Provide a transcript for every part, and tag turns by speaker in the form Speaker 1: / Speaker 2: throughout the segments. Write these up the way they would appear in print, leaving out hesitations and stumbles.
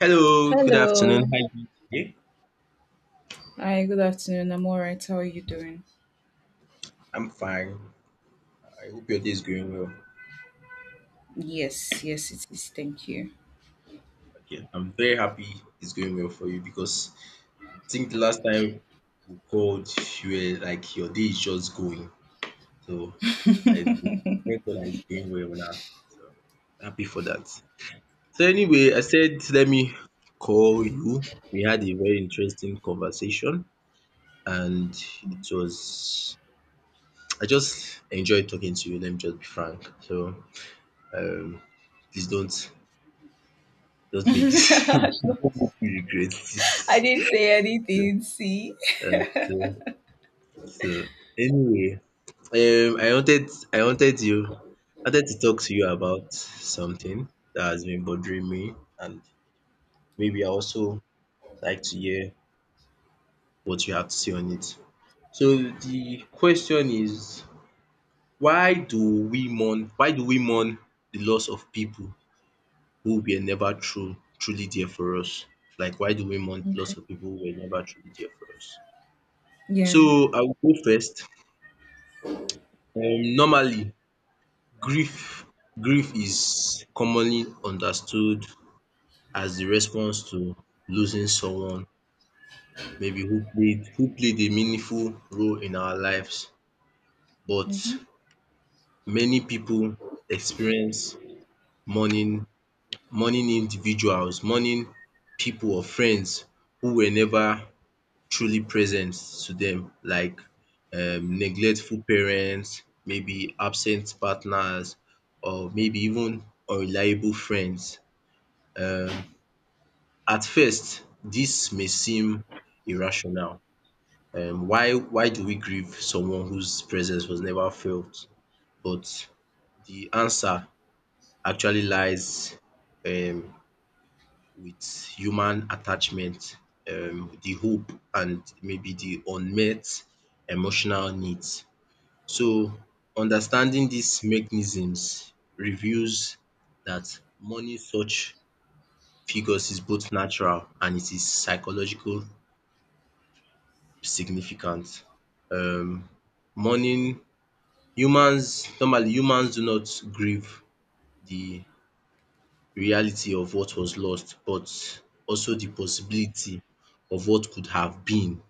Speaker 1: Hello, good afternoon.
Speaker 2: Hello.
Speaker 1: How are you today?
Speaker 2: Hi, good afternoon. I'm all right. How are you doing?
Speaker 1: I'm fine. I hope your day is going well.
Speaker 2: Yes, yes, it is. Thank you.
Speaker 1: Okay, I'm very happy it's going well for you because I think the last time we called, you were like your day is just going. So I thank God that it's going well now. So happy for that. So anyway, I said let me call you. We had a very interesting conversation, and it was I just enjoyed talking to you. Let me just be frank. So um please don't don't make this
Speaker 2: I
Speaker 1: don't make me regret this.
Speaker 2: didn't say
Speaker 1: So
Speaker 2: anything. See?
Speaker 1: um so so anyway, um I wanted I wanted you I wanted to talk to you about something that has been bothering me, and maybe I also like to hear what you have to say on it. So the question is, why do we mourn the loss of people who were never true truly there for us? Like, why do we mourn the
Speaker 2: Okay.
Speaker 1: loss of people who were never truly there for us?
Speaker 2: Yeah.
Speaker 1: So I will go first. Normally grief grief is commonly understood as de response to losing someone maybe who played a meaningful role in our lives, but
Speaker 2: Mm-hmm.
Speaker 1: many pipu experience mourning mourning individuals, mourning pipu or friends who were never truly present to them, like neglectful parents, maybe absent partners, or maybe even unreliable friends. Um, at first, this may seem irrational. Why why do we grieve someone whose presence was never felt? But the answer actually lies um, with human attachment, the hope, and maybe the unmet emotional needs. So understanding these mechanisms reveals that mourning such figures is both natural and it is psychological significant. Um mourning humans normally Humans do not grieve the reality of what was lost but also the possibility of what could have been.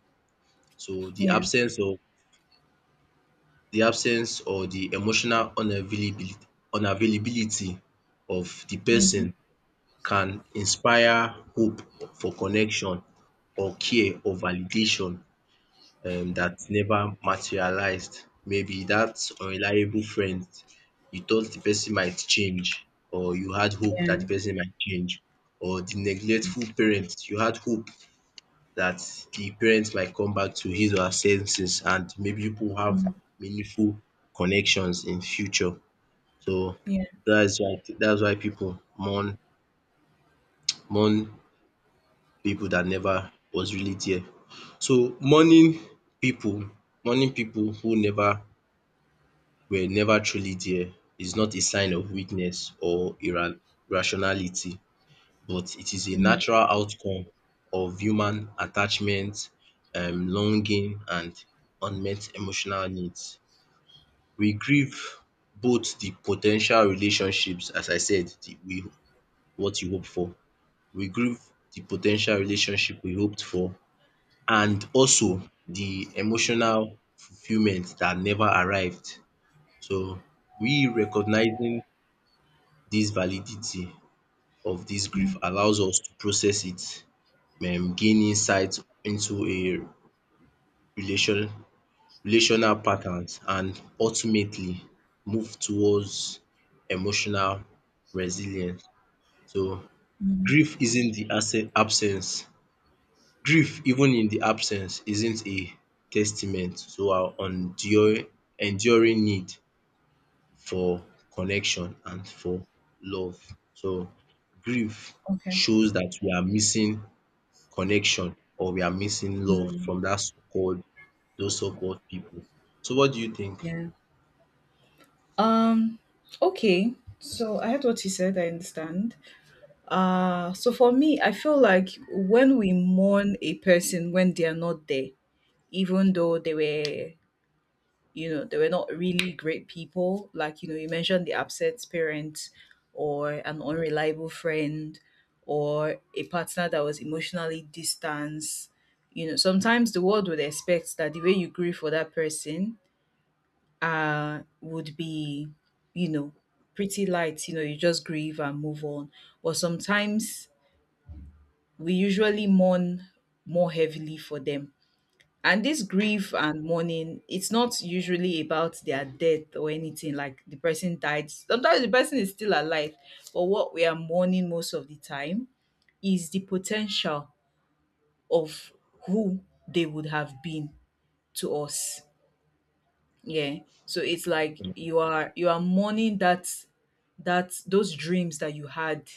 Speaker 1: So
Speaker 2: Yeah.
Speaker 1: the absence or the emotional unavailability of the person
Speaker 2: Mm-hmm.
Speaker 1: can inspire hope for connection or care or validation that never materialized. Maybe that unreliable friend, you thought the person might change, or you had hope that the
Speaker 2: Yeah.
Speaker 1: person might change, or the neglectful parent, you had hope that the parent might come back to his or her senses, and maybe people have
Speaker 2: Mm-hmm.
Speaker 1: meaningful connections in future. So
Speaker 2: Yeah.
Speaker 1: that's why people mourn mourn people that never was really there. So people mourning people who never were never truly there is not a sign of weakness or ira irrationality, but it is a
Speaker 2: Mm-hmm.
Speaker 1: natural outcome of human attachment, longing and unmet emotional needs. We grieve both the potential relationships, as I said the we what you hope for. We grieve the potential relationship we hoped for and also the emotional fulfillment that never arrived. So we recognizing this validity of this
Speaker 2: Yeah.
Speaker 1: grief allows us to process it, gain insight into a relation relational patterns and ultimately move towards emotional resilience. So
Speaker 2: Mm-hmm.
Speaker 1: grief isn't the abse- absence Grief, even in the absence, isn't a testament to our enduring need for connection and for love. So grief
Speaker 2: Okay.
Speaker 1: shows that we are missing connection or we are missing love
Speaker 2: Mm,
Speaker 1: from that so-called, those so-called people. So what do you think?
Speaker 2: yeah. Um. Okay. So I heard what you said. I understand. So for me, I feel like when we mourn a person when they are not there, even though they were not really great people, like, you know, you mentioned the upset parent or an unreliable friend or a partner that was emotionally distanced. You know, sometimes the world would expect that the way you grieve for that person would be, you know, pretty light. You know, you just grieve and move on. But sometimes we usually mourn more heavily for them, and this grief and mourning, it's not usually about their death or anything like the person died. Sometimes the person is still alive, but what we are mourning most of the time is the potential of who they would have been to us. Yeah. So it's like you are mourning that those dreams that you had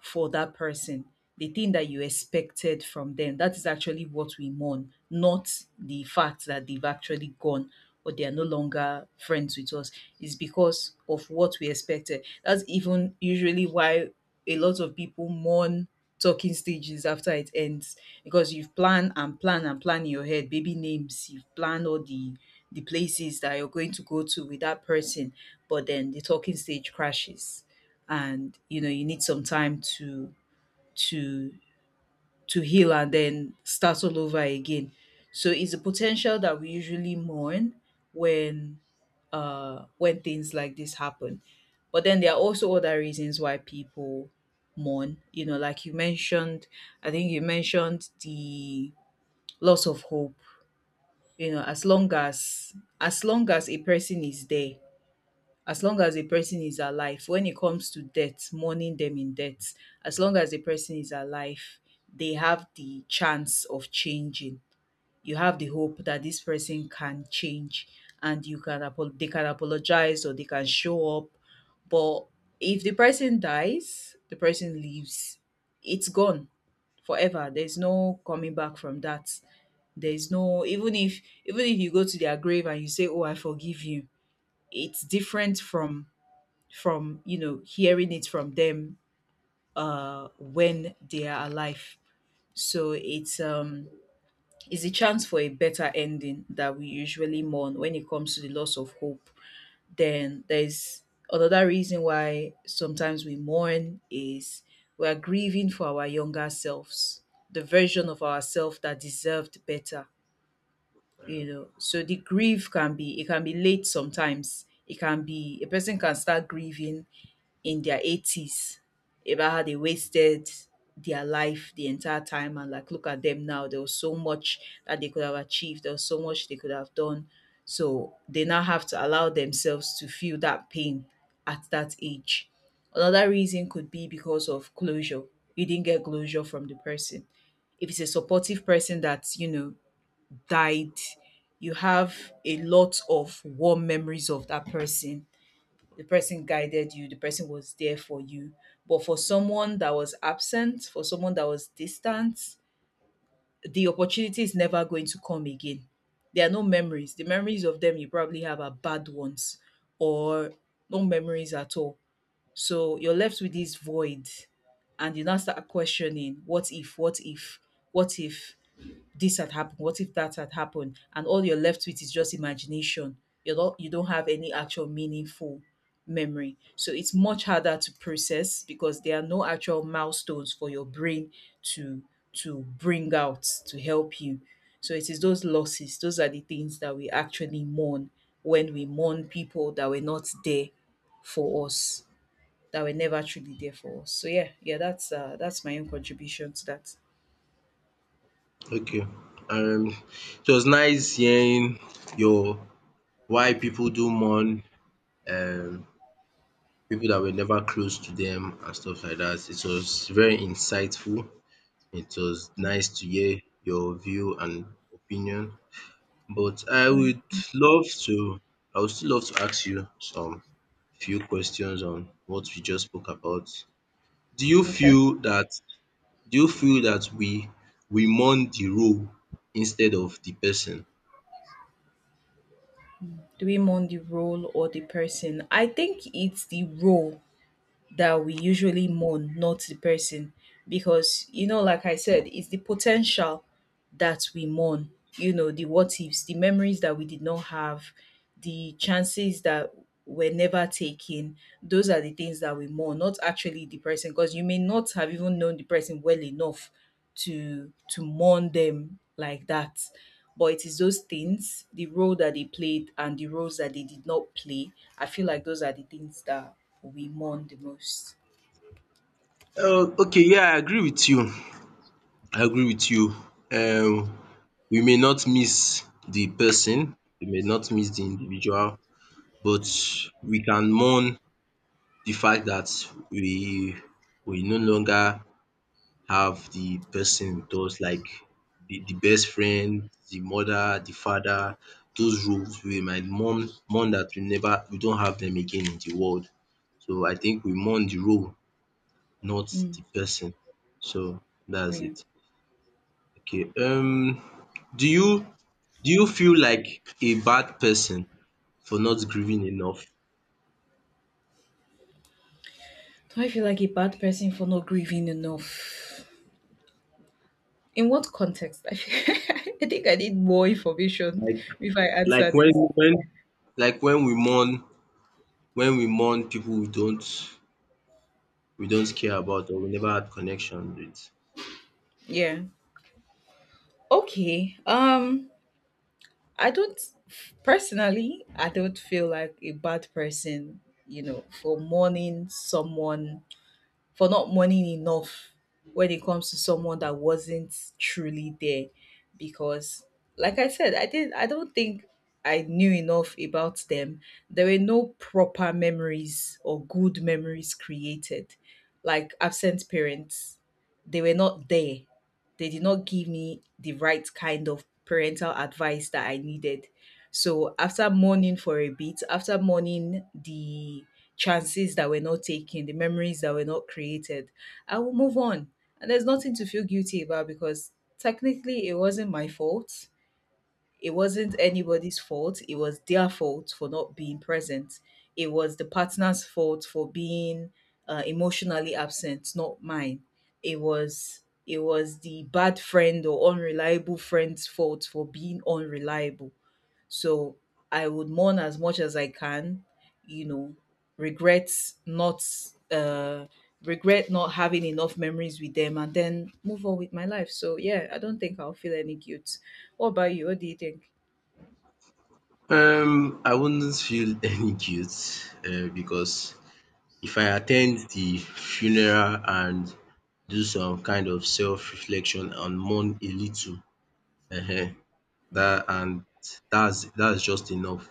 Speaker 2: for that person, the thing that you expected from them. That is actually what we mourn, not the fact that they've actually gone or they are no longer friends with us. It's because of what we expected. That's even usually why a lot of people mourn talking stages after it ends, because you've planned and planned and planned in your head baby names, you've planned all the places that you're going to go to with that person, but then the talking stage crashes, and you know you need some time to to heal and then start all over again. So it's a potential that we usually mourn when things like this happen. But then there are also other reasons why people mourn, you know, like you mentioned, I think you mentioned the loss of hope. You know, as long as a person is there, as long as a person is alive, when it comes to death, mourning them in death, as long as the person is alive, they have the chance of changing. You have the hope that this person can change, and they can apologize or they can show up. But if the person dies, the person leaves, it's gone forever. There's no coming back from that. There's no, even if you go to their grave and you say, oh, I forgive you, it's different from you know, hearing it from them when they are alive. So it's a chance for a better ending that we usually mourn when it comes to the loss of hope. Then there's another reason why sometimes we mourn is we are grieving for our younger selves, the version of ourselves that deserved better. You know, so the grief can be, it can be late sometimes. It can be, a person can start grieving in their 80s about how they wasted their life the entire time. And like, look at them now, there was so much that they could have achieved, there was so much they could have done, so they now have to allow themselves to feel that pain at that age. Another reason could be because of closure. You didn't get closure from the person. If it's a supportive person that you know died, you have a lot of warm memories of that person. The person guided you, the person was there for you. But for someone that was absent, for someone that was distant, the opportunity is never going to come again. There are no memories. The memories of them you probably have are bad ones or no memories at all. So you're left with this void, and you now start questioning, what if, what if, what if this had happened, what if that had happened? And all you're left with is just imagination. You don't have any actual meaningful memory. So it's much harder to process because there are no actual milestones for your brain to bring out to help you. So it is those losses, those are the things that we actually mourn when we mourn people that were not there for us, that were never truly there for us. So yeah, yeah, that's my own contribution to that.
Speaker 1: Okay. Um it was nice hearing your why people do mourn um people that were never close to them and stuff like that. It was very insightful. It was nice to hear your view and opinion. But I
Speaker 2: All right.
Speaker 1: would love to, I would still love to ask you some few questions on what we just spoke about. Do you
Speaker 2: Okay.
Speaker 1: feel that do you feel that we mourn the role instead of the person?
Speaker 2: Do we mourn the role or the person? I think it's the role that we usually mourn, not the person. Because, you know, like I said, it's the potential that we mourn. You know, the what ifs, the memories that we did not have, the chances that were never taken. Those are the things that we mourn, not actually the person, because you may not have even known the person well enough to mourn them like that. But it is those things, the role that they played and the roles that they did not play. I feel like those are the things that we mourn the most.
Speaker 1: Okay, yeah, I agree with you. I agree with you. Um, we may not miss the person, we may not miss the individual, but we can mourn the fact that we we no longer have the person with us, like the best friend, the mother, the father, those roles we might mourn that we don't have them again in the world. So I think we mourn the role, not
Speaker 2: Mm,
Speaker 1: the person. So that's
Speaker 2: yeah.
Speaker 1: it. Okay. Um, do you do you feel like a bad person for not grieving enough?
Speaker 2: Do I feel like a bad person for not grieving enough? In what context? I think I need more information
Speaker 1: Like,
Speaker 2: if I answer
Speaker 1: like when
Speaker 2: this.
Speaker 1: when like when we mourn, people we don't, we don't care about or we never had connection with.
Speaker 2: Yeah. Okay. I don't personally, I don't feel like a bad person, you know, for mourning someone, for not mourning enough when it comes to someone that wasn't truly there, because, like I said, I don't think I knew enough about them. There were no proper memories or good memories created. Like absent parents, they were not there. They did not give me the right kind of parental advice that I needed. So after mourning for a bit, after mourning the chances that were not taken, the memories that were not created, I will move on. And there's nothing to feel guilty about because technically it wasn't my fault. It wasn't anybody's fault. It was their fault for not being present. It was the partner's fault for being emotionally absent, not mine. It was the bad friend or unreliable friend's fault for being unreliable. So I would mourn as much as I can, you know, regret not, uh regret not having enough memories with them, and then move on with my life. So yeah, I don't think I'll feel any guilt. What about you? What do you think?
Speaker 1: Um, I wouldn't feel any guilt, um, because if I attend the funeral and do some kind of self reflection and mourn a little, um dat and that's just enough.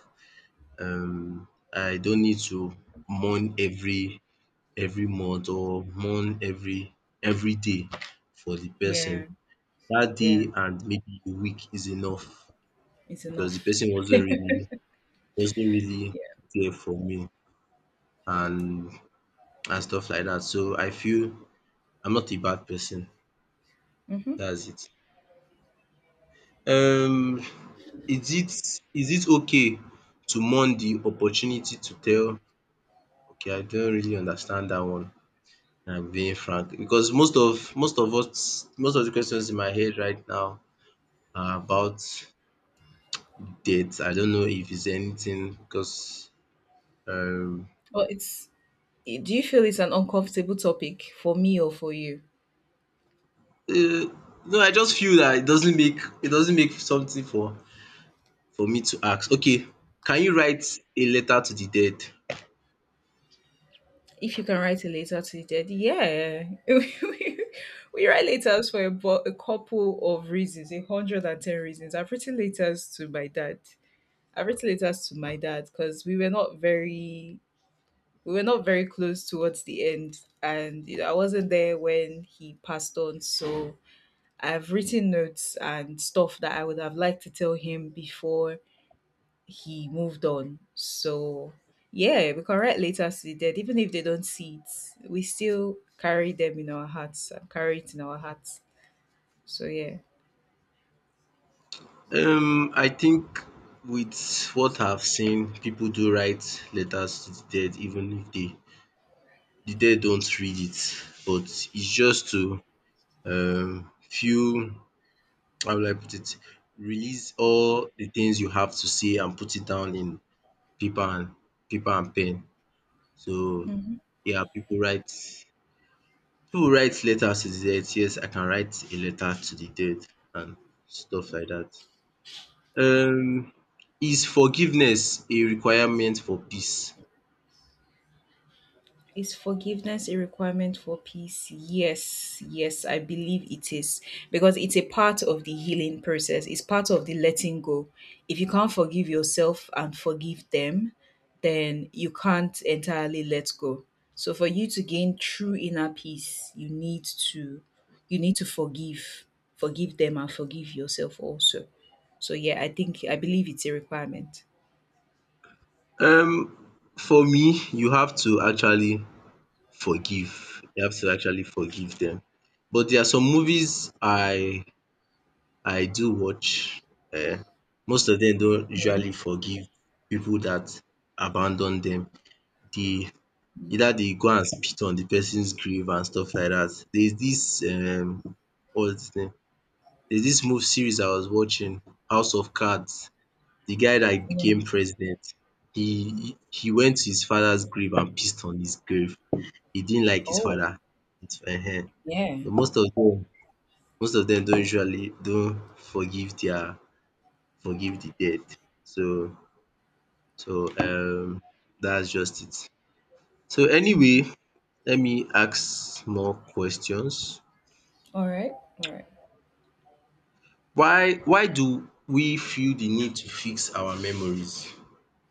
Speaker 1: Um, I don't need to mourn every month or mourn every day for the person.
Speaker 2: Yeah,
Speaker 1: That
Speaker 2: yeah,
Speaker 1: day and maybe a week is enough
Speaker 2: it's
Speaker 1: because
Speaker 2: enough.
Speaker 1: the person wasn't really
Speaker 2: Yeah.
Speaker 1: there for me, and and stuff like that. So I feel I'm not a bad person.
Speaker 2: Mm-hmm.
Speaker 1: That's it. Um, is it okay to mourn the opportunity to tell? Okay, I don't really understand that one. I'm being frank, because most of us, most of the questions in my head right now, about dates, I don't know if it's anything, because um
Speaker 2: Well, it's, do you feel it's an uncomfortable topic for me or for you?
Speaker 1: eh, no, I just feel that it doesn't make something for me to ask. Okay, can you write a letter to the dead?
Speaker 2: If you can write a letter to the dead, yeah. we write letters for about a couple of reasons, a hundred and ten reasons. I've written letters to my dad. I've written letters to my dad because we were not very close towards the end, and you know, I wasn't there when he passed on. So I've written notes and stuff that I would have liked to tell him before he moved on. So yeah, we can write letters to the dead, even if they don't see it. We still carry them in our hearts and carry it in our hearts. So yeah.
Speaker 1: I think with what I've seen, people do write letters to the dead, even if the dead don't read it. But it's just to feel, how will I put it, release all the things you have to say and put it down in paper and paper and pen. So
Speaker 2: Mhm.
Speaker 1: yeah, people write letters to the dead. Yes, I can write a letter to the dead and stuff like that. Um, is forgiveness a requirement for peace?
Speaker 2: Is forgiveness a requirement for peace? Yes, yes, I believe it is because it's a part of the healing process. It's part of the letting go. If you can't forgive yourself and forgive them, then you can't entirely let go. So for you to gain true inner peace, to you need to forgive, forgive them and forgive yourself also. So yeah, I think I believe it's a requirement.
Speaker 1: Um, for me, you have to actually forgive. You have to actually forgive them. But there are some movies I do watch. Um, most of them don't usually forgive people that abandon them. The either they go and spit on the person's grave and stuff like that. There's this, um, what's dis name? There's this mov series I was watching, House of Cards. The guy that
Speaker 2: Yeah.
Speaker 1: became president, he went to his father's grave and pissed on his grave. He didn't like his
Speaker 2: Oh,
Speaker 1: father. It's uh,
Speaker 2: yeah.
Speaker 1: so, most of them, don't usually don't forgive their, forgive the dead. So so, that's just it. So anyway,
Speaker 2: Mm.
Speaker 1: let me ask more questions.
Speaker 2: All right. All right.
Speaker 1: Why do we feel the need to fix our memories?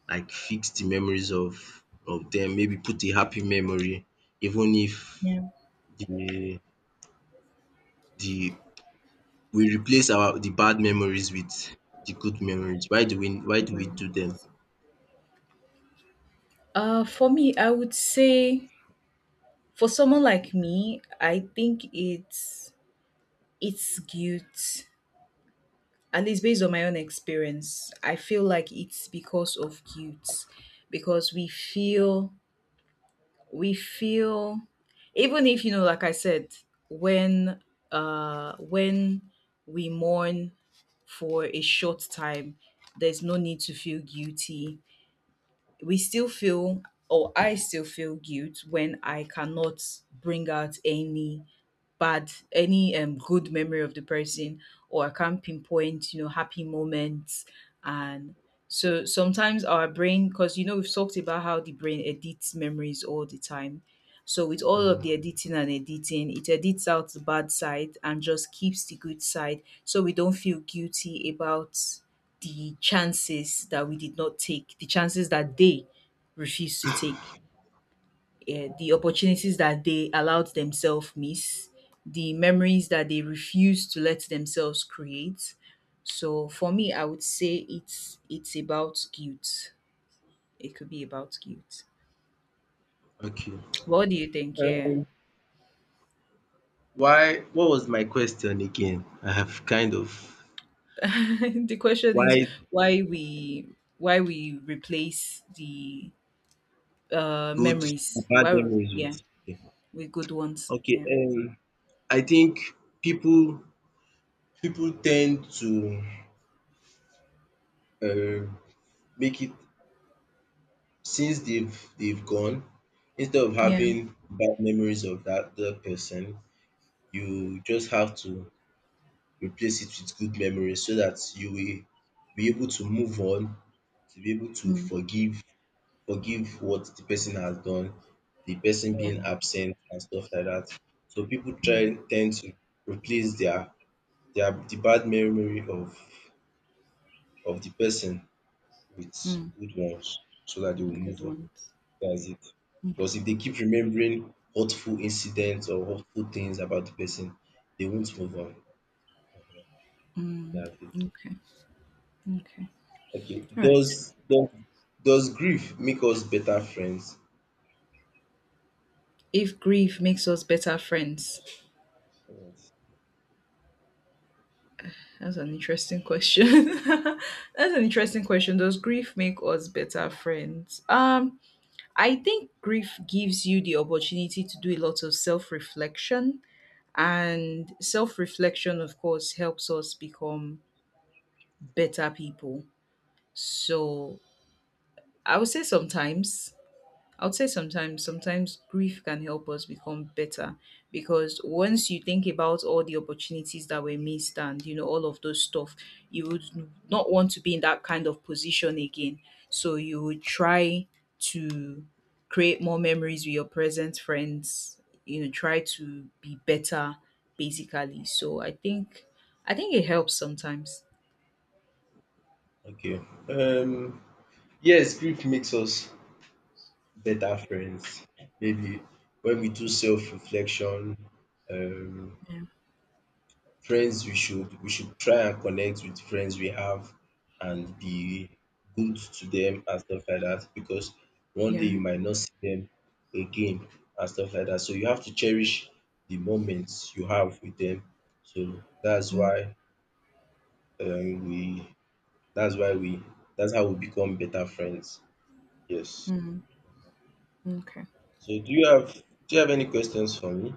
Speaker 1: Like, fix the memories of them. Maybe put a happy memory, even if
Speaker 2: Yeah.
Speaker 1: the the we replace our the bad memories with the good memories. Why do we
Speaker 2: Mhm.
Speaker 1: do them?
Speaker 2: For me, I would say, for someone like me, I think it's guilt. At least based on my own experience, I feel like it's because of guilt, because we feel even if, you know, like I said, when uh when we mourn for a short time, there's no need to feel guilty. We still feel, or I still feel guilt when I cannot bring out any good memory of the person, or I can't pinpoint, you know, happy moments. And so sometimes our brain, because you know we've talked about how the brain edits memories all the time. So with all of the
Speaker 1: Um,
Speaker 2: editing and editing, it edits out the bad side and just keeps the good side, so we don't feel guilty about the chances that we did not take, the chances that they refused to take, eh, the opportunities that they allowed themselves miss, the memories that they refuse to let themselves create. So for me, I would say it's about guilt. It could be about guilt.
Speaker 1: okay.
Speaker 2: What do you think? Yeah,
Speaker 1: Why, what was my question again? I have kind of,
Speaker 2: the question is
Speaker 1: why,
Speaker 2: why we, why we replace the
Speaker 1: good,
Speaker 2: memories.
Speaker 1: bad
Speaker 2: Why?
Speaker 1: memories
Speaker 2: Yeah,
Speaker 1: with, okay.
Speaker 2: with good ones.
Speaker 1: Okay,
Speaker 2: Yeah,
Speaker 1: um, I think people people tend to um make it, since they've gone, instead of
Speaker 2: yeah,
Speaker 1: having bad memories of that person, you just have to replace it with good memories so that you will be able to move on, to be able to
Speaker 2: mm,
Speaker 1: forgive what the person has done, the person
Speaker 2: yeah,
Speaker 1: being absent and stuff like that. So people try
Speaker 2: mm,
Speaker 1: tend to replace the bad memory of the person with
Speaker 2: mm,
Speaker 1: good ones so that they will
Speaker 2: good
Speaker 1: move on.
Speaker 2: ones.
Speaker 1: That's it. Because
Speaker 2: Okay.
Speaker 1: if they keep remembering hurtful incidents or hurtful things about the person, they won't move on.
Speaker 2: Mm,
Speaker 1: That's it.
Speaker 2: okay. Okay.
Speaker 1: Okay.
Speaker 2: All right.
Speaker 1: Does does grief make us better friends?
Speaker 2: If grief makes us better friends,
Speaker 1: Yes.
Speaker 2: that's an interesting question. That's an interesting question. Does grief make us better friends? I think grief gives you the opportunity to do a lot of self reflection, and self reflection, of course, helps us become better people. So I would say sometimes I would say sometimes, sometimes grief can help us become better because once you think about all the opportunities that were missed and you know all of those stuff, you would not want to be in that kind of position again. So you would try to create more memories with your present friends, you know, try to be better basically. So I think it helps sometimes.
Speaker 1: Okay. Um, yes, grief makes us better friends. Maybe when we do self-reflection, um,
Speaker 2: Yeah.
Speaker 1: friends, we should try and connect with friends we have and be good to them and stuff like that, because one day
Speaker 2: Yeah.
Speaker 1: you might not see them again and stuff like that. So you have to cherish the moments you have with them. So that's
Speaker 2: Mm,
Speaker 1: why, um, we that's why we that's how we become better friends. Yes.
Speaker 2: Hmm, okay.
Speaker 1: So do you have any questions for me?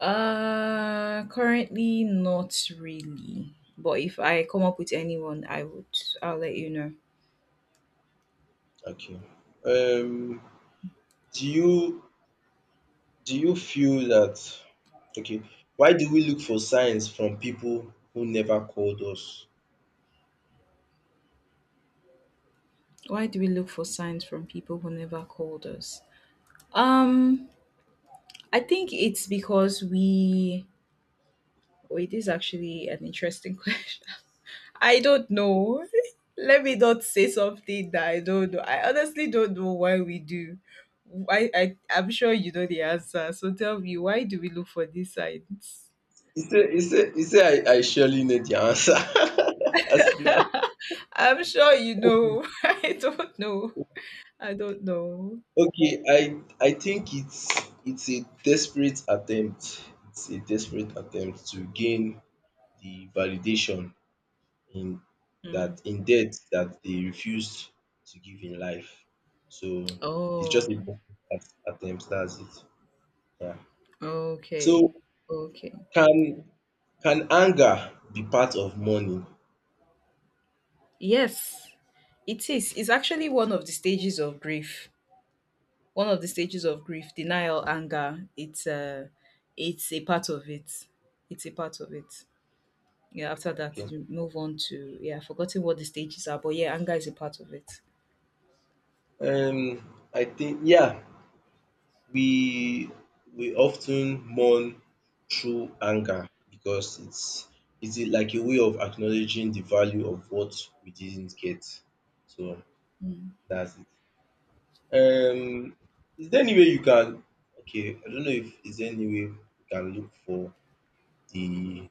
Speaker 2: Currently not really. But if I come up with anyone, I'll let you know.
Speaker 1: Okay. Um, do you do you feel that, okay, why do we look for signs from people who never called us?
Speaker 2: Why do we look for signs from people who never called us? Um, I think it's because we wait, this actually an interesting question. I don't know. Let me not say something that I don't know. I honestly don't know why we do. I'm sure you know the answer. So tell me, why do we look for these signs?
Speaker 1: You say I surely know the answer as now.
Speaker 2: I'm sure you know. I don't know. I don't know.
Speaker 1: Okay, I think it's a desperate attempt. It's a desperate attempt to gain the validation in that in death that they refused to give in life. So it's just a
Speaker 2: Oh,
Speaker 1: desperate attempt, that's it. Yeah.
Speaker 2: okay.
Speaker 1: So,
Speaker 2: Okay.
Speaker 1: Can can anger be part of mourning?
Speaker 2: Yes, it is. It's actually one of the stages of grief. One of the stages of grief, denial, anger. It's it's a part of it. It's a part of it. Yeah, after that
Speaker 1: Okay.
Speaker 2: you move on to, yeah, I've forgotten what the stages are, but yeah, anger is a part of it.
Speaker 1: I think yeah, we often mourn through anger because it's like a way of acknowledging the value of what we didn't get. So that's it. Um, is there any way you can? Okay, I don't know if is there any way you can look for the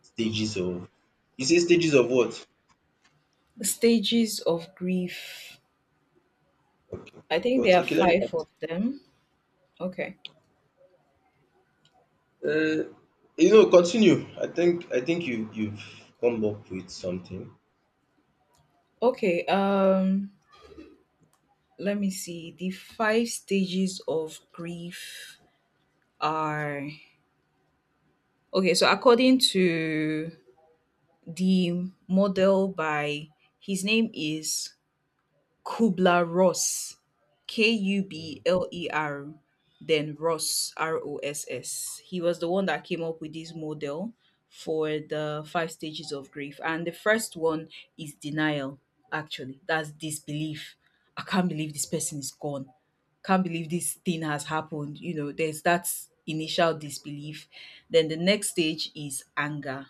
Speaker 1: stages of. You say stages of what?
Speaker 2: Stages of grief.
Speaker 1: Okay,
Speaker 2: I think
Speaker 1: but
Speaker 2: there are
Speaker 1: okay, let me,
Speaker 2: five of them. Okay.
Speaker 1: uh, you know, continue. I think you you've come up with something.
Speaker 2: Okay. Let me see, the five stages of grief are, okay, so according to the model by, his name is Kubler Ross, K U B
Speaker 1: Mm.
Speaker 2: L E R, then Ross, R O S S. He was the one that came up with this model for the five stages of grief. And the first one is denial, actually. That's disbelief. I can't believe this person is gone. Can't believe this thing has happened. You know, there's that initial disbelief. Then the next stage is anger,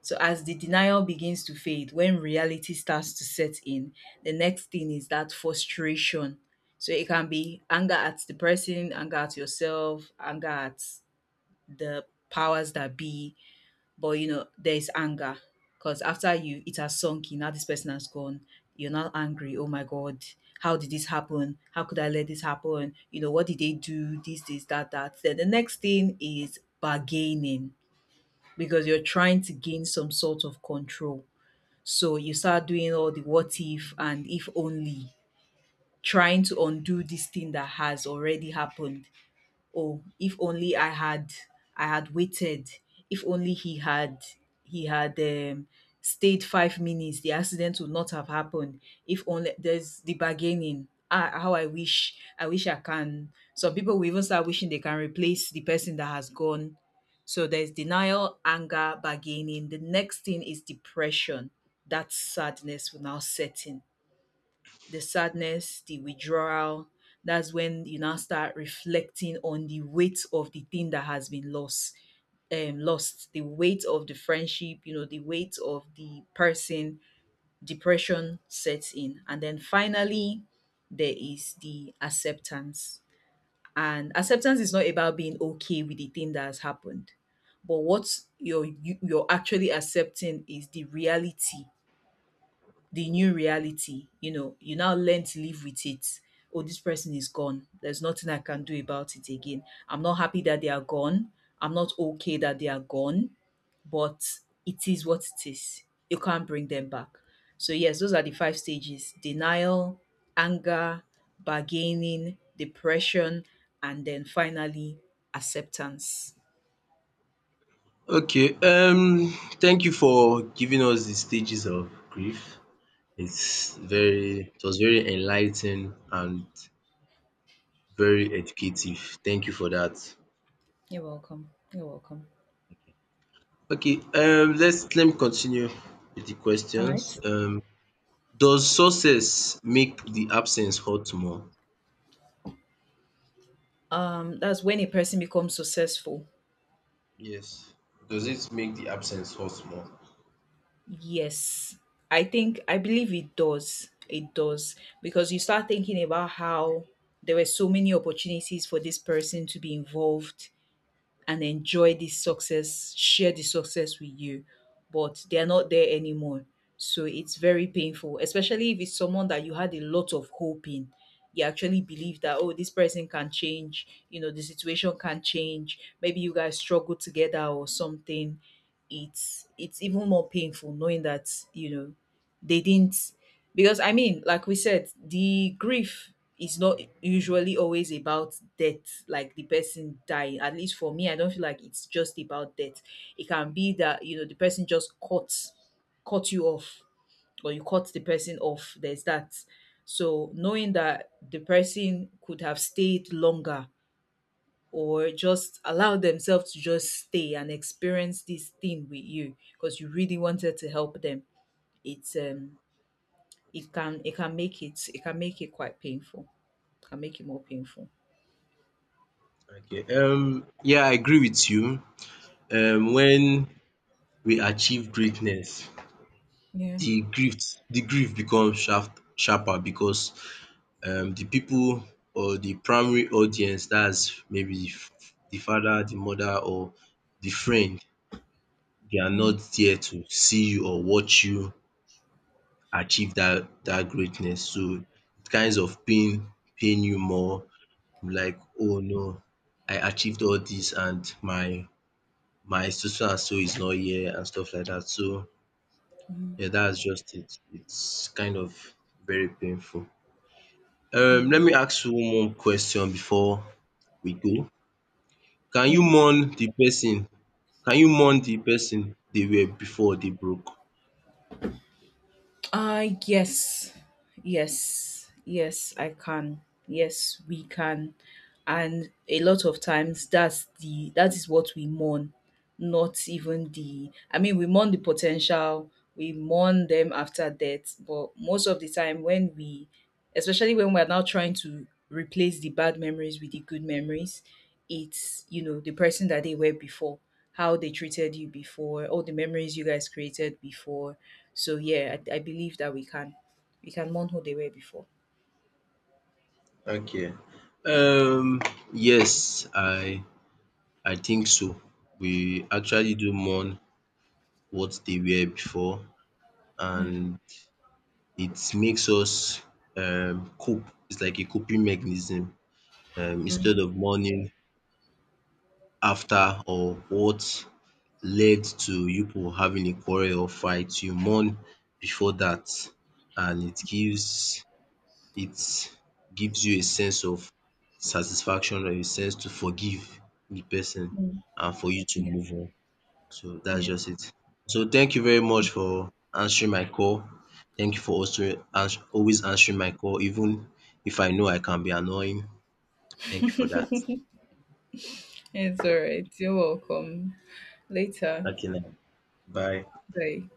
Speaker 2: so as the denial begins to fade, when reality starts to set in, the next thing is that frustration. So it can be anger at the person, anger at yourself, anger at the powers that be. But you know, there's anger. Because after you, it has sunk in, now this person has gone, you're now angry. Oh my god, how did this happen? How could I let this happen? You know, what did they do? This, that, that. Then the next thing is bargaining because you're trying to gain some sort of control. So you start doing all the what if and if only, trying to undo this thing that has already happened. Oh if only I had waited, if only he had stayed 5 minutes, the accident would not have happened, if only. There's the bargaining, ah how I wish, I can. Some people will even start wishing they can replace the person that has gone. So there's denial, anger, bargaining, the next thing is depression, that sadness will now set in, the sadness, the withdrawal. That's when you now start reflecting on the weight of the thing that has been lost. Lost the weight of the friendship, you know, the weight of the person, depression sets in. And then finally, there is the acceptance. And acceptance is not about being okay with the thing that has happened, but what you're actually accepting is the reality, the new reality. You know, you now learn to live with it. Oh, this person is gone. There's nothing I can do about it again. I'm not happy that they are gone. I'm not okay that they are gone, but it is what it is. You can't bring them back. So, yes, those are the five stages: denial, anger, bargaining, depression, and then finally acceptance.
Speaker 1: Okay, thank you for giving us the stages of grief. It's very, it was very enlightening and very educative. Thank you for that.
Speaker 2: You're welcome. You're welcome.
Speaker 1: Okay, let's let me continue with the
Speaker 2: All
Speaker 1: questions.
Speaker 2: right.
Speaker 1: Does success make the absence hurt more?
Speaker 2: That's when a person becomes successful.
Speaker 1: Yes. Does it make the absence hurt more?
Speaker 2: Yes, I believe it does. It does because you start thinking about how there were so many opportunities for this person to be involved and enjoy this success, share the success with you, but they're not there anymore. So it's very painful, especially if it's someone that you had a lot of hope in. You actually believe that, oh, this person can change, you know, the situation can change. Maybe you guys struggle together or something. It's even more painful knowing that, you know, they didn't, because I mean like we said, the grief is not usually always about death, like the person dying. At least for me, I don't feel like it's just about death. It can be that, you know, the person just caught you off, or you cut the person off, there's that. So knowing that the person could have stayed longer, or just allow themselves to just stay and experience this thing with you because you really wanted to help them, it's it can make it quite painful. It can make it more painful.
Speaker 1: Okay. Yeah, I agree with you. Um, when we achieve greatness,
Speaker 2: Yeah.
Speaker 1: the grief the grief becomes sharper because, um, the people or the primary audience, that's maybe the father, the mother, or the friend, they are not
Speaker 2: Mm,
Speaker 1: there to see you or watch you achieve that greatness. So it kinds of pain you more, like, "Oh no, I achieved all this, and my so so and so is not here" and stuff like that. So
Speaker 2: mm,
Speaker 1: yeah, that's just it. It's kind of very painful. Let
Speaker 2: mm.
Speaker 1: me ask you one more question before we go. Can you
Speaker 2: Yeah.
Speaker 1: mourn the person? Can you mourn the person they were before they broke?
Speaker 2: Yes. Yes. Yes, I can. Yes, we can. And a lot of times that is what we mourn, not even the, I mean we mourn the potential, we mourn them after death, but most of the time when we, especially when we're now trying to replace the bad memories with the good memories, it's, you know, the person that they were before, how they treated you before, all the memories you guys created before. So yeah, I believe that we can mourn who they were before.
Speaker 1: Okay. Um, yes, I think so. We actually do mourn what they were before,
Speaker 2: Yeah.
Speaker 1: and it makes us, um, cope. It's like a coping mechanism. Instead
Speaker 2: Mm,
Speaker 1: of mourning after or what led to you people having a quarrel or fight, you mourn before that, and it gives you a sense of satisfaction or a sense to forgive the person
Speaker 2: mm.
Speaker 1: and for you to
Speaker 2: Yeah.
Speaker 1: move on. So that's
Speaker 2: Yeah.
Speaker 1: just it. So thank you very much for answering my call. Thank you for also always answering my call, even if I know I can be annoying. Thank you for that.
Speaker 2: It's all right. You're welcome. Later.
Speaker 1: Okay now. Bye.
Speaker 2: Bye.